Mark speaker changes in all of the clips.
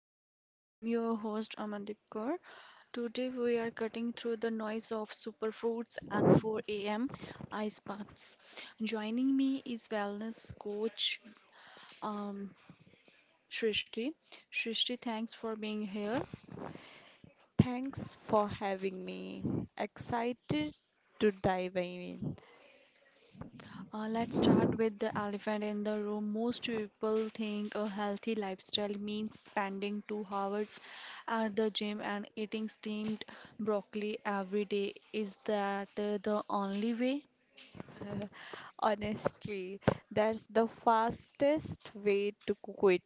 Speaker 1: Baseline. I'm your host Amandeep Kaur. Today we are cutting through the noise of superfoods and 4 a.m. ice baths. Joining me is wellness coach um, Shrishti. Shrishti, thanks for being here.
Speaker 2: Thanks for having me. Excited to dive in.
Speaker 1: Let's start with the elephant in the room. Most people think a healthy lifestyle means spending 2 hours at the gym and eating steamed broccoli every day. Is that the only way?
Speaker 2: Honestly, that's the fastest way to quit.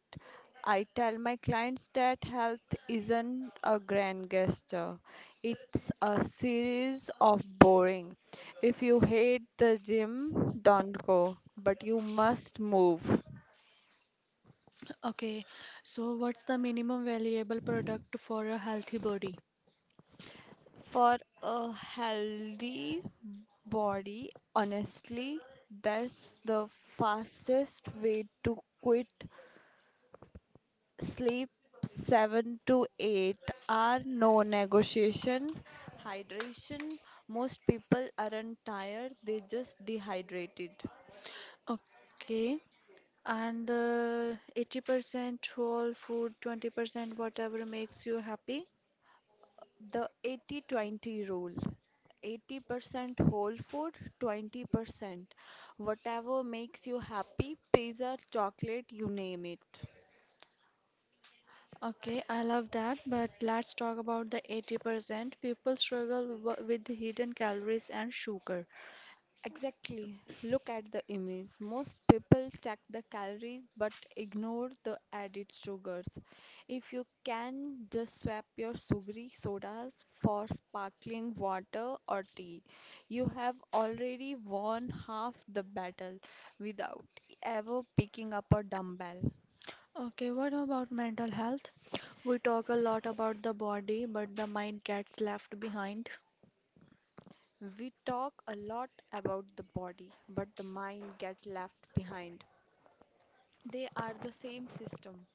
Speaker 2: I tell my clients that health isn't a grand gesture, it's a series of boring. If you hate the gym, don't go, but you must move.
Speaker 1: Okay, so what's the minimum valuable product for a healthy body?
Speaker 2: For a healthy body, honestly, that's the fastest way to quit. Sleep 7 to 8 hour, no negotiation. Hydration, most people aren't tired, they just dehydrated.
Speaker 1: Okay, and 80% whole food, 20% whatever makes you happy.
Speaker 2: The 80/20 rule. 80% whole food, 20% whatever makes you happy, pizza, chocolate, you name it.
Speaker 1: Okay, I love that, but let's talk about the 80% people struggle with hidden calories and sugar.
Speaker 2: Exactly. Look at the image. Most people check the calories but ignore the added sugars. If you can, just swap your sugary sodas for sparkling water or tea. You have already won half the battle without ever picking up a dumbbell.
Speaker 1: Okay, what about mental health? We talk a lot about the body, but the mind gets left behind.
Speaker 2: We talk a lot about the body, but the mind gets left behind. They are the same system.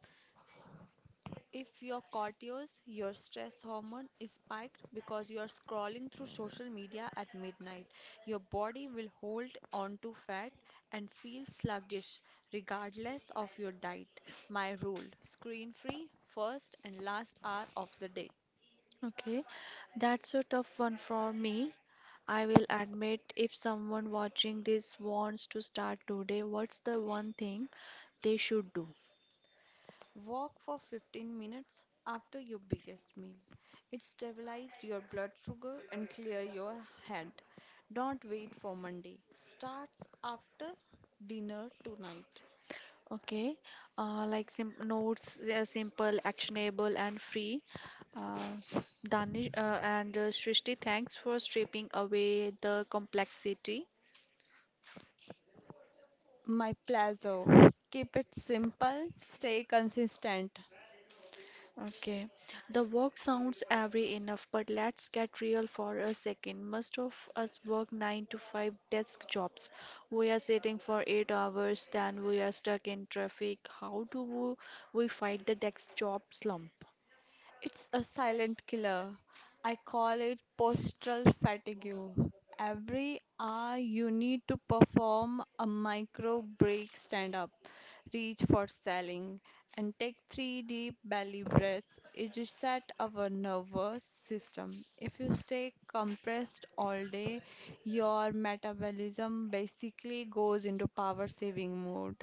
Speaker 2: If your cortisol, your stress hormone is spiked because you are scrolling through social media at midnight, your body will hold on to fat and feel sluggish regardless of your diet. My rule screen free first and last hour of the day.
Speaker 1: Okay, that's a tough one for me. I will admit, if someone watching this wants to start today, what's the one thing they should do?
Speaker 2: Walk for 15 minutes after your biggest meal. It stabilizes your blood sugar and clear your head. Don't wait for Monday. Starts after dinner tonight.
Speaker 1: Okay, like sim notes, they are simple, actionable, and free. Uh, Danish and Srishti, thanks for stripping away the complexity.
Speaker 2: My Plazo. Keep it simple, stay consistent.
Speaker 1: Okay, the work sounds every enough, but let's get real for a second. Most of us work 9 to 5 desk jobs. We are sitting for 8 hours, then we are stuck in traffic. How do we fight the desk job slump?
Speaker 2: It's a silent killer. I call it postural fatigue. Every hour you need to perform a micro break stand up, reach for selling, and take three deep belly breaths. It resets our nervous system. If you stay compressed all day, your metabolism basically goes into power saving mode.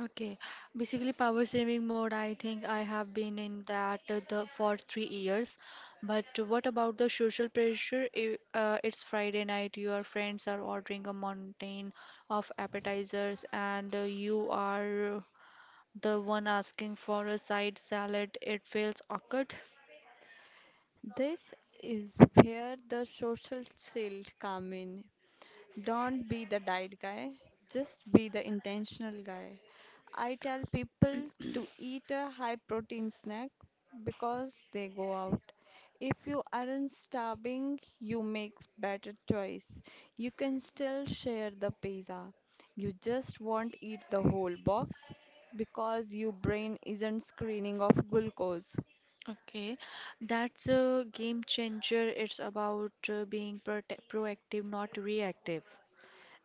Speaker 1: Okay, basically power saving mode. I think I have been in that the for 3 years. But what about the social pressure? If, it's Friday night, your friends are ordering a mountain of appetizers, and you are the one asking for a side salad. It feels awkward.
Speaker 2: This is where the social shield come in. Don't be the diet guy, just be the intentional guy. I tell people to eat a high protein snack because they go out. If you aren't starving, you make better choice. You can still share the pizza. You just won't eat the whole box because your brain isn't screening off glucose.
Speaker 1: Okay, that's a game changer. It's about being prote proactive, not reactive.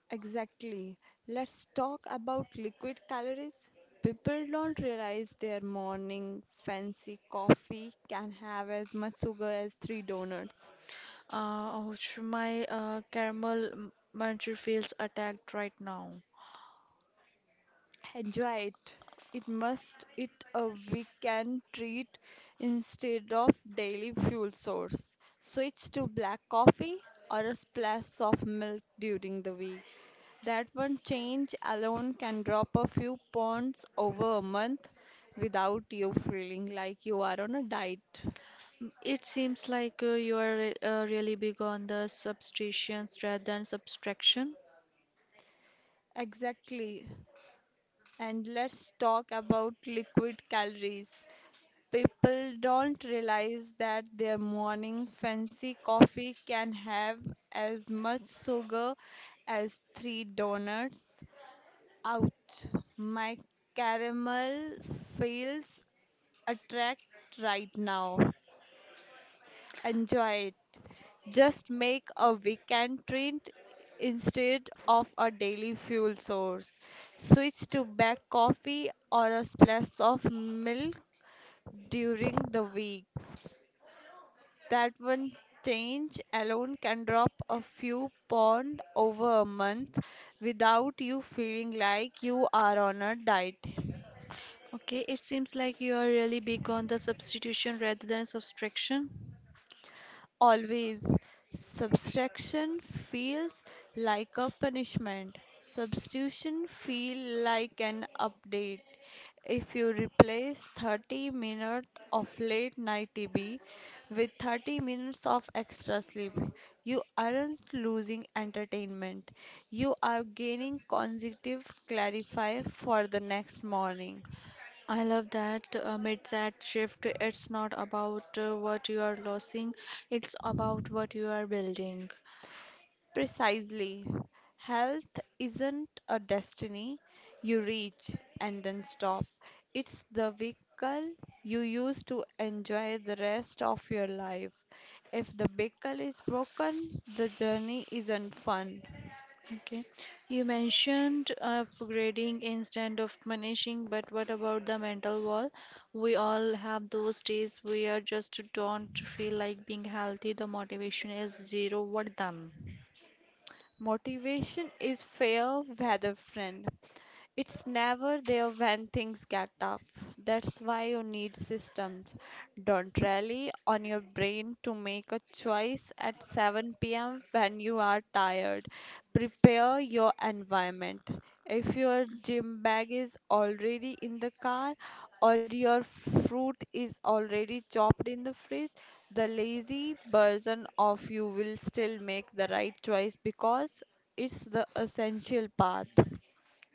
Speaker 2: Exactly. Let's talk about liquid calories. People don't realize their morning fancy coffee can have as much sugar as three donuts.
Speaker 1: Ouch, my caramel muncher feels attacked right now.
Speaker 2: Enjoy it. It must it a weekend treat instead of daily fuel source. Switch to black coffee or a splash of milk during the week. That one change alone can drop a few pounds over a month without you feeling like you are on a diet.
Speaker 1: It seems like you are really big on the substitutions rather than subtraction.
Speaker 2: Exactly. And let's talk about liquid calories. People don't realize that their morning fancy coffee can have as much sugar as three donuts. Ouch, my caramel feels attract right now. Enjoy it. Just make a weekend treat instead of a daily fuel source. Switch to black coffee or a splash of milk during the week. That one change alone can drop a few pound over a month without you feeling like you are on a diet.
Speaker 1: Okay, it seems like you are really big on the substitution rather than subtraction.
Speaker 2: Always. Subtraction feels like a punishment. Substitution feel like an update. If you replace 30 minutes of late night TV with 30 minutes of extra sleep, you aren't losing entertainment. You are gaining consecutive clarify for the next morning.
Speaker 1: I love that mindset shift. It's not about what you are losing, it's about what you are building.
Speaker 2: Precisely. Health isn't a destiny you reach and then stop. It's the vehicle you use to enjoy the rest of your life. If the vehicle is broken, the journey isn't fun.
Speaker 1: Okay. You mentioned upgrading instead of punishing, but what about the mental wall? We all have those days where just don't feel like being healthy, the motivation is zero. What then?
Speaker 2: Motivation is fair weather friend. It's never there when things get tough. That's why you need systems. Don't rely on your brain to make a choice at 7 p.m. when you are tired. Prepare your environment. If your gym bag is already in the car or your fruit is already chopped in the fridge, the lazy version of you will still make the right choice because it's the essential path.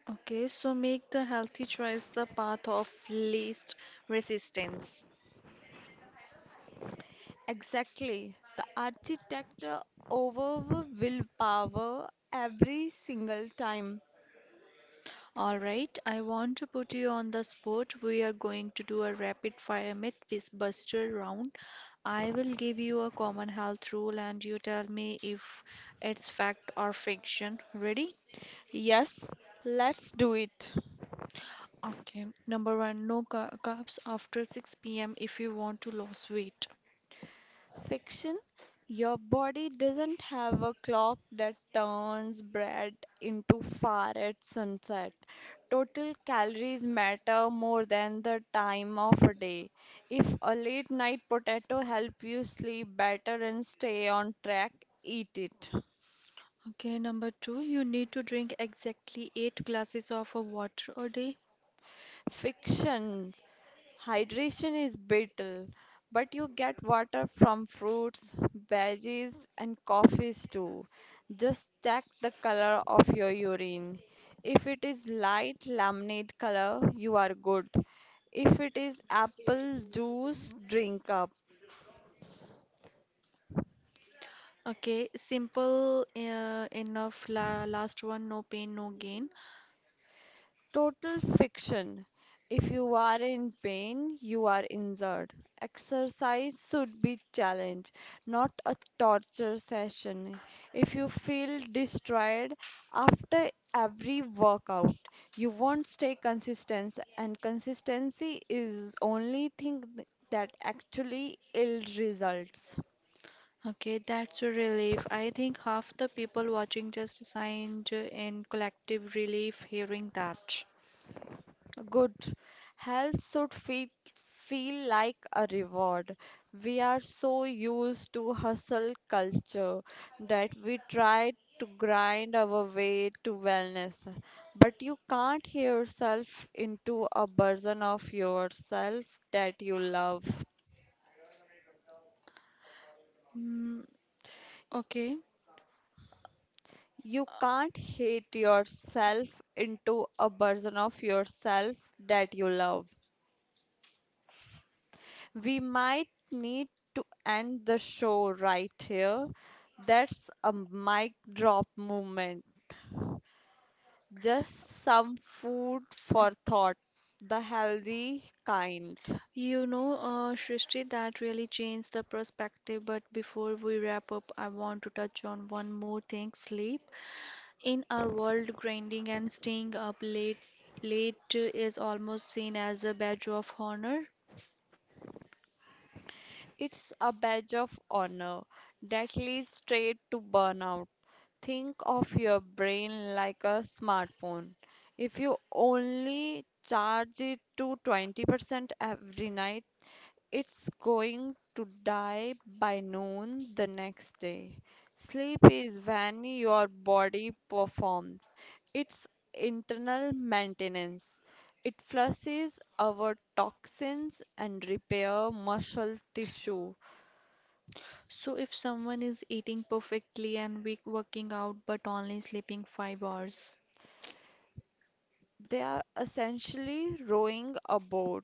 Speaker 1: Okay, so make the healthy choice the path of least resistance.
Speaker 2: Exactly. The architect over willpower every single time.
Speaker 1: All right, I want to put you on the spot. We are going to do a rapid fire myth buster round. I will give you a common health rule and you tell me if it's fact or fiction. Ready?
Speaker 2: Yes, let's do it.
Speaker 1: Okay. Number one, no carbs after 6 p.m. if you want to lose weight.
Speaker 2: Fiction, your body doesn't have a clock that turns bread into far at sunset. Total calories matter more than the time of a day. If a late night potato help you sleep better and stay on track, eat it.
Speaker 1: Okay. Number two, you need to drink exactly eight glasses of water a day.
Speaker 2: Fiction. Hydration is vital, but you get water from fruits, veggies, and coffees too. Just check the color of your urine. If it is light lemonade color, you are good. If it is apple juice, drink up.
Speaker 1: Okay. Simple enough. Last one, no pain, no gain.
Speaker 2: Total fiction. If you are in pain, you are injured. Exercise should be challenge, not a torture session. If you feel destroyed after every workout, you won't stay consistent, and consistency is only thing that actually ill results.
Speaker 1: Okay, that's a relief. I think half the people watching just signed in collective relief hearing that.
Speaker 2: Good health should feel like a reward. We are so used to hustle culture that we try to grind our way to wellness. But you can't hear yourself into a version of yourself that you love.
Speaker 1: Mm, okay.
Speaker 2: You can't hate yourself into a version of yourself that you love. We might need to end the show right here. That's a mic drop moment. Just some food for thought, the healthy kind.
Speaker 1: You know, Srishti, that really changed the perspective. But before we wrap up, I want to touch on one more thing, sleep. In our world, grinding and staying up late is almost seen as a badge of honor.
Speaker 2: It's a badge of honor that leads straight to burnout. Think of your brain like a smartphone. If you only charge it to 20% every night, it's going to die by noon the next day. Sleep is when your body performs its internal maintenance. It flushes our toxins and repair muscle tissue.
Speaker 1: So if someone is eating perfectly and we working out but only sleeping 5 hours,
Speaker 2: They are essentially rowing a boat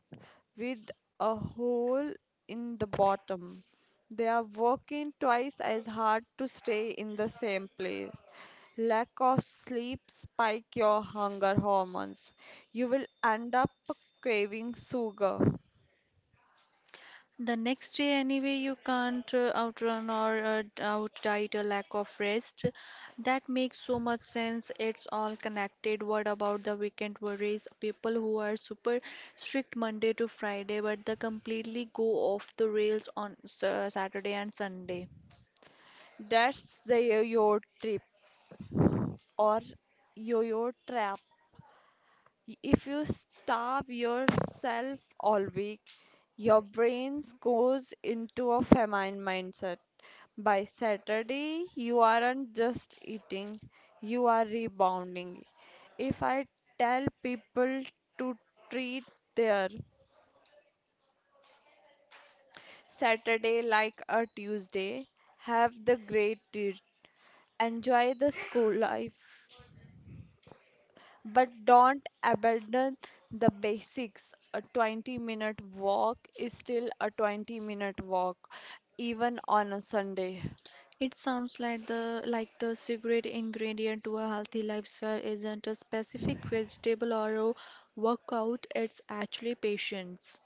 Speaker 2: with a hole in the bottom. They are working twice as hard to stay in the same place. Lack of sleep spike your hunger hormones. You will end up craving sugar.
Speaker 1: the next day, anyway, you can't outrun or outdiet a lack of rest. That makes so much sense. It's all connected. What about the weekend worries? People who are super strict Monday to Friday, but they completely go off the rails on Saturday and Sunday.
Speaker 2: That's the yo-yo trip or yo-yo trap. If you starve yourself all week, your brain goes into a famine mindset. By Saturday, you aren't just eating, you are rebounding. If I tell people to treat their Saturday like a Tuesday, have the great day, enjoy the school life, but don't abandon the basics. A 20-minute walk is still a 20-minute walk, even on a Sunday.
Speaker 1: It sounds like the secret ingredient to a healthy lifestyle isn't a specific vegetable or a workout, it's actually patience.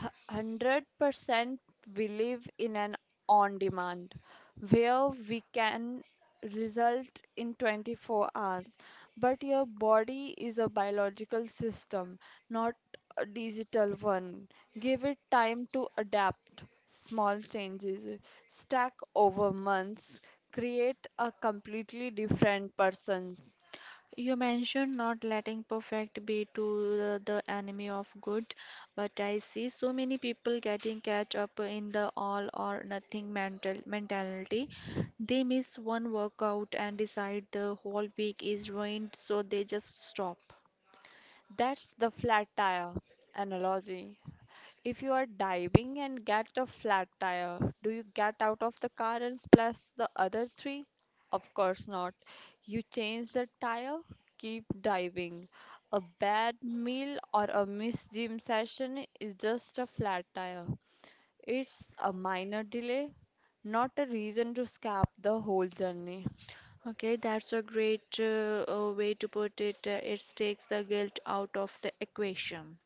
Speaker 2: 100% we live in an on demand where we can result in 24 hours, but your body is a biological system, not a digital one. Give it time to adapt. Small changes stack over months, create a completely different person.
Speaker 1: You mentioned not letting perfect be to the enemy of good, but I see so many people getting catch up in the all or nothing mentality. They miss one workout and decide the whole week is ruined, so they just stop.
Speaker 2: That's the flat tire analogy. If you are diving and get a flat tire, do you get out of the car and splash the other three? Of course not. You change the tire, keep diving. A bad meal or a missed gym session is just a flat tire. It's a minor delay, not a reason to scrap the whole journey.
Speaker 1: Okay, that's a great way to put it. It takes the guilt out of the equation.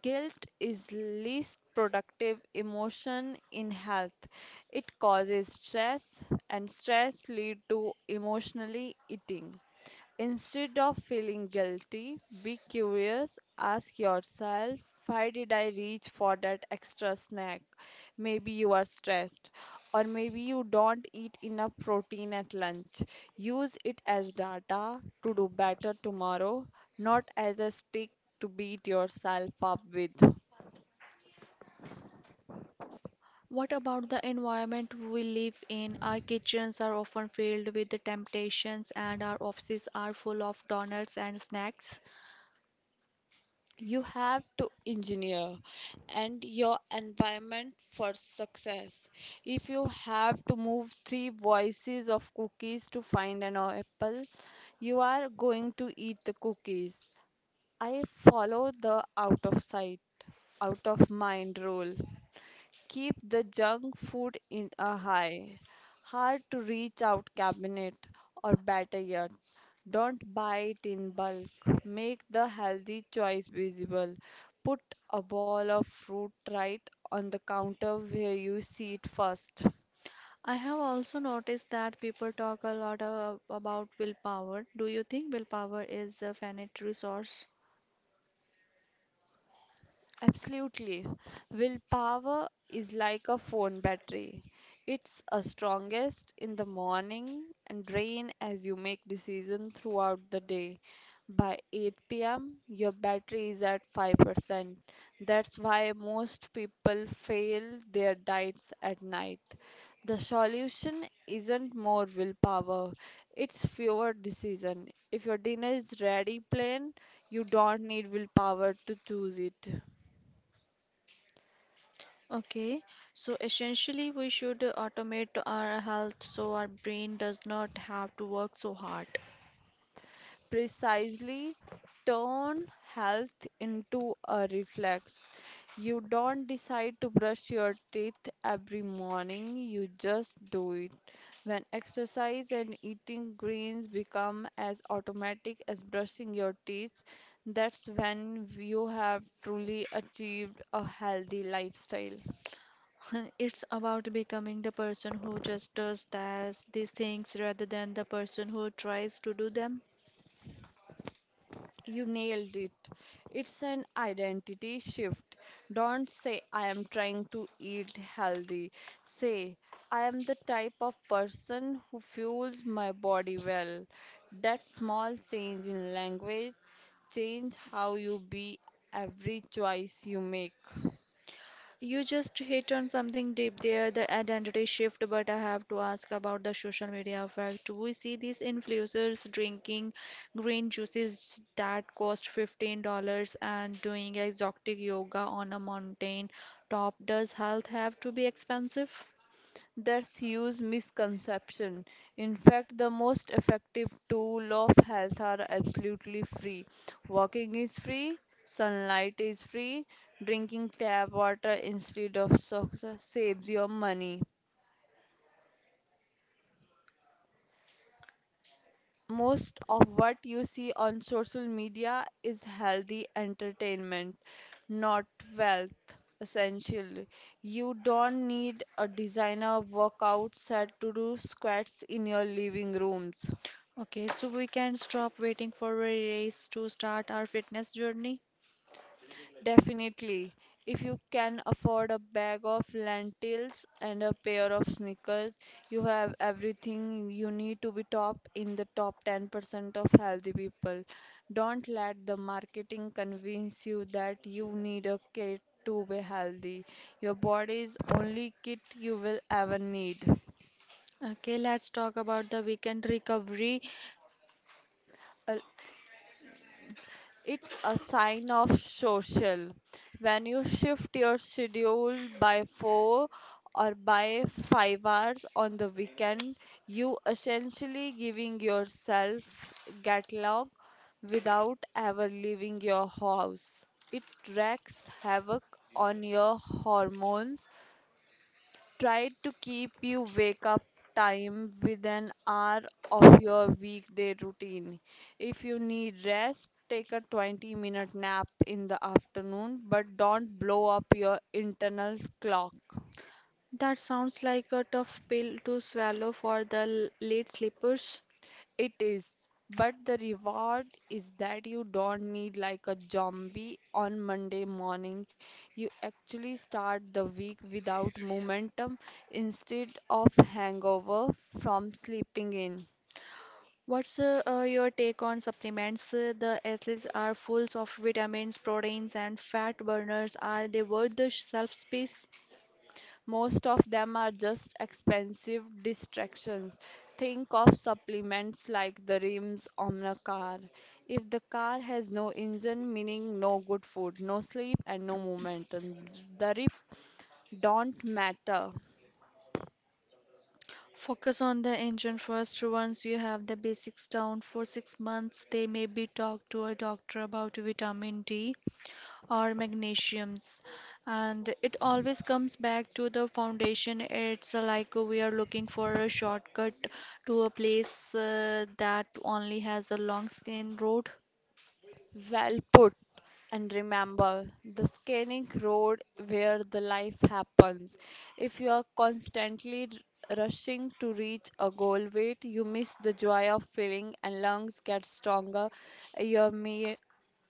Speaker 2: Guilt is least productive emotion in health. It causes stress and stress lead to emotionally eating. Instead of feeling guilty, be curious. Ask yourself, why did I reach for that extra snack? Maybe you are stressed, or maybe you don't eat enough protein at lunch. Use it as data to do better tomorrow, not as a stick to beat yourself up with.
Speaker 1: What about the environment we live in? Our kitchens are often filled with the temptations, and our offices are full of donuts and snacks.
Speaker 2: You have to engineer and your environment for success. If you have to move three voices of cookies to find an apple, you are going to eat the cookies. I follow the out of sight, out of mind rule. Keep the junk food in a high, hard to reach out cabinet, or better yet, don't buy it in bulk. Make the healthy choice visible. Put a bowl of fruit right on the counter where you see it first.
Speaker 1: I have also noticed that people talk a lot about willpower. Do you think willpower is a finite resource?
Speaker 2: Absolutely. Willpower is like a phone battery. It's a strongest in the morning and drain as you make decisions throughout the day. By 8 p.m., your battery is at 5%. That's why most people fail their diets at night. The solution isn't more willpower, it's fewer decisions. If your dinner is ready plain, you don't need willpower to choose it.
Speaker 1: Okay, so essentially, we should automate our health so our brain does not have to work so hard.
Speaker 2: Precisely. Turn health into a reflex. You don't decide to brush your teeth every morning, you just do it. When exercise and eating greens become as automatic as brushing your teeth, that's when you have truly achieved a healthy lifestyle.
Speaker 1: It's about becoming the person who just does these things rather than the person who tries to do them.
Speaker 2: You nailed it. It's an identity shift. Don't say, I am trying to eat healthy. Say, I am the type of person who fuels my body well. That small change in language change how you be every choice you make.
Speaker 1: You just hit on something deep there, the identity shift, but I have to ask about the social media effect. We see these influencers drinking green juices that cost $15 and doing exotic yoga on a mountain top. Does health have to be expensive?
Speaker 2: That's huge misconception. In fact, the most effective tool of health are absolutely free. Walking is free, sunlight is free, drinking tap water instead of soaks saves your money. Most of what you see on social media is healthy entertainment, not wealth. Essentially, you don't need a designer workout set to do squats in your living rooms.
Speaker 1: Okay, so we can stop waiting for a race to start our fitness journey.
Speaker 2: Definitely. If you can afford a bag of lentils and a pair of sneakers, you have everything you need to be top in the top 10% of healthy people. Don't let the marketing convince you that you need a kit to be healthy. Your body is only kit you will ever need.
Speaker 1: Okay, let's talk about the weekend recovery.
Speaker 2: It's a sign of social. When you shift your schedule by 4 or by 5 hours on the weekend, you essentially giving yourself catalog without ever leaving your house. It wreaks havoc on your hormones. Try to keep you wake up time with an hour of your weekday routine. If you need rest, take a 20-minute nap in the afternoon, but don't blow up your internal clock.
Speaker 1: That sounds like a tough pill to swallow for the late sleepers.
Speaker 2: It is, but the reward is that you don't need like a zombie on Monday morning. You actually start the week without momentum instead of hangover from sleeping in.
Speaker 1: What's your take on supplements? The athletes are full of vitamins, proteins, and fat burners. Are they worth the shelf space?
Speaker 2: Most of them are just expensive distractions. Think of supplements like the rims on a car. If the car has no engine, meaning no good food, no sleep, and no movement, and the rims don't matter.
Speaker 1: Focus on the engine first. Once you have the basics down for 6 months, they may be talked to a doctor about vitamin D or magnesiums, and it always comes back to the foundation. It's like we are looking for a shortcut to a place that only has a long skin road.
Speaker 2: Well put. And remember, the scenic road where the life happens. If you are constantly rushing to reach a goal weight, you miss the joy of feeling and lungs get stronger, your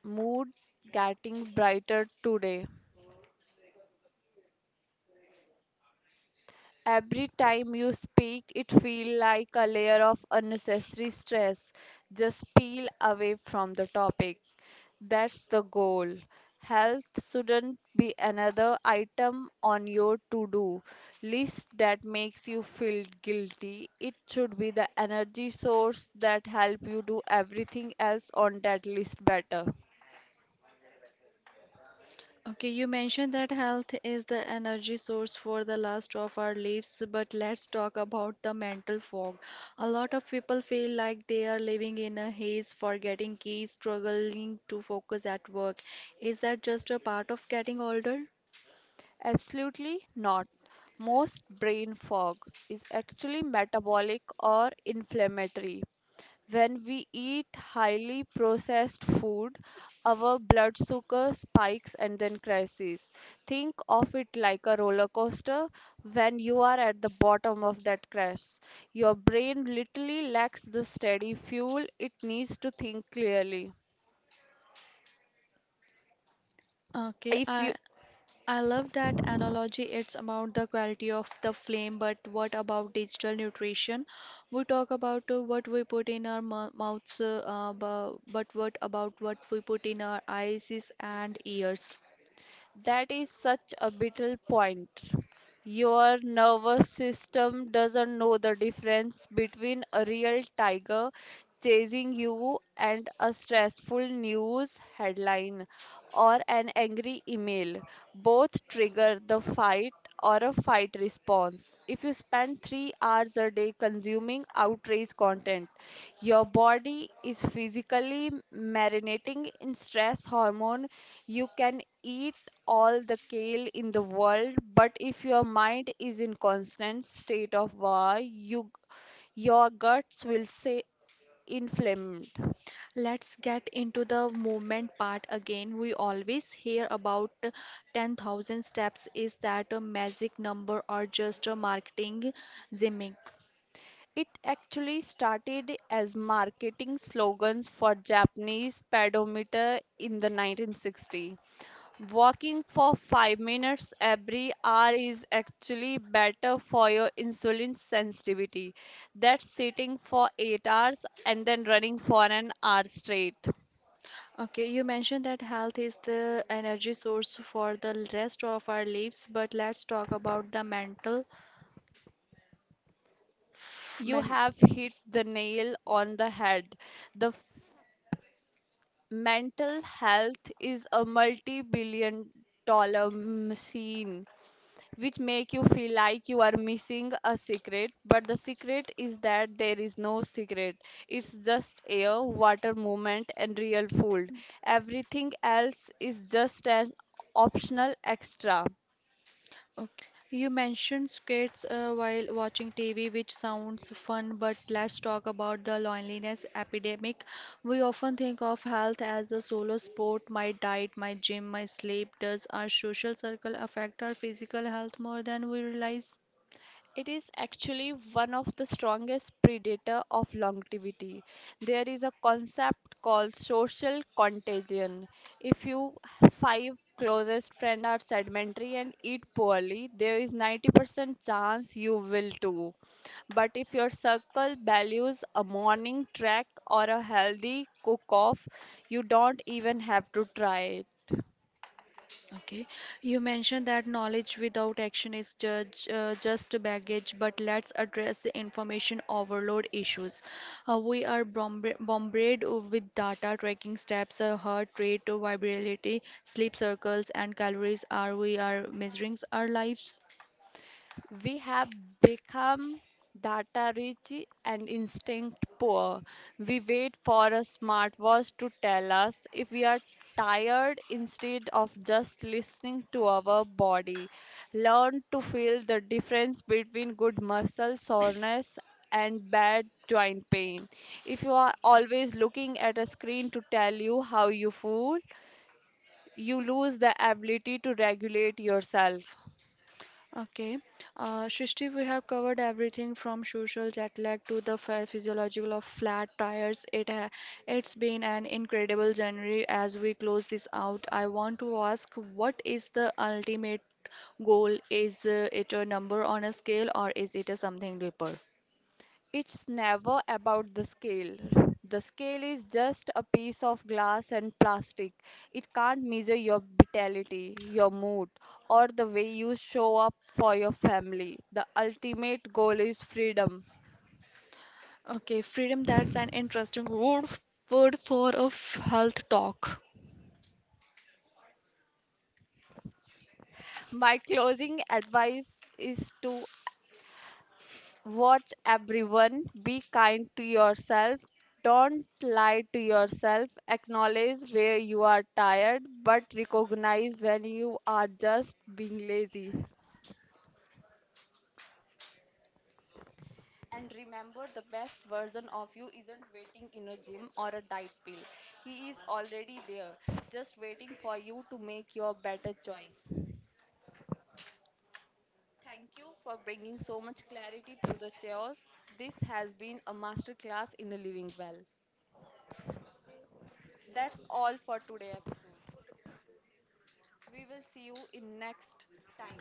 Speaker 2: mood getting brighter today. Every time you speak, it feels like a layer of unnecessary stress. Just peel away from the topic. That's the goal. Health shouldn't be another item on your to do list that makes you feel guilty. It should be the energy source that helps you do everything else on that list better.
Speaker 1: Okay, you mentioned that health is the energy source for the last of our lives, but let's talk about the mental fog. A lot of people feel like they are living in a haze, forgetting keys, struggling to focus at work. Is that just a part of getting older?
Speaker 2: Absolutely not. Most brain fog is actually metabolic or inflammatory. When we eat highly processed food, our blood sugar spikes and then crashes. Think of it like a roller coaster. When you are at the bottom of that crash, your brain literally lacks the steady fuel it needs to think clearly.
Speaker 1: Okay,
Speaker 2: If you
Speaker 1: I love that analogy. It's about the quality of the flame, but what about digital nutrition? We talk about what we put in our mouths, but what about what we put in our eyes and ears?
Speaker 2: That is such a vital point. Your nervous system doesn't know the difference between a real tiger chasing you and a stressful news headline or an angry email. Both trigger the fight or a fight response. If you spend 3 hours a day consuming outrage content, your body is physically marinating in stress hormone. You can eat all the kale in the world, but if your mind is in constant state of war, your guts will say inflamed.
Speaker 1: Let's get into the movement part again. We always hear about 10,000 steps. Is that a magic number or just a marketing gimmick?
Speaker 2: It actually started as marketing slogans for Japanese pedometer in the 1960s. Walking for 5 minutes every hour is actually better for your insulin sensitivity than sitting for 8 hours and then running for an hour straight.
Speaker 1: Okay, you mentioned that health is the energy source for the rest of our lives, but let's talk about the mental
Speaker 2: You
Speaker 1: men
Speaker 2: have hit the nail on the head. The f- Mental health is a multi-billion dollar machine which make you feel like you are missing a secret, but the secret is that there is no secret. It's just air, water movement and real food. Everything else is just an optional extra.
Speaker 1: Okay. You mentioned skits while watching TV, which sounds fun, but let's talk about the loneliness epidemic. We often think of health as a solo sport, my diet, my gym, my sleep. Does our social circle affect our physical health more than we realize?
Speaker 2: It is actually one of the strongest predator of longevity. There is a concept called social contagion. If you five closest friends are sedentary and eat poorly, there is 90% chance you will too. But if your circle values a morning trek or a healthy cook off, you don't even have to try.
Speaker 1: Okay, you mentioned that knowledge without action is just baggage, but let's address the information overload issues. We are bombarded with data, tracking steps, heart rate, vibrability, sleep circles, and calories. Are we are measuring our lives?
Speaker 2: We have become data rich and instinct poor. We wait for a smartwatch to tell us if we are tired instead of just listening to our body. Learn to feel the difference between good muscle soreness and bad joint pain. If you are always looking at a screen to tell you how you feel, you lose the ability to regulate yourself.
Speaker 1: Okay. Srishti, we have covered everything from social jet lag to the physiological of flat tires. It's been an incredible journey. As we close this out, I want to ask, what is the ultimate goal? Is it a number on a scale, or is it a something deeper?
Speaker 2: It's never about the scale. The scale is just a piece of glass and plastic. It can't measure your vitality, your mood, or the way you show up for your family. The ultimate goal is freedom.
Speaker 1: Okay, freedom, that's an interesting word for a health talk.
Speaker 2: My closing advice is to watch everyone, be kind to yourself. Don't lie to yourself. Acknowledge where you are tired, but recognize when you are just being lazy. And remember, the best version of you isn't waiting in a gym or a diet pill. He is already there, just waiting for you to make your better choice. Thank you for bringing so much clarity to the chaos. This has been a masterclass in living well. That's all for today episode. We will see you in next time.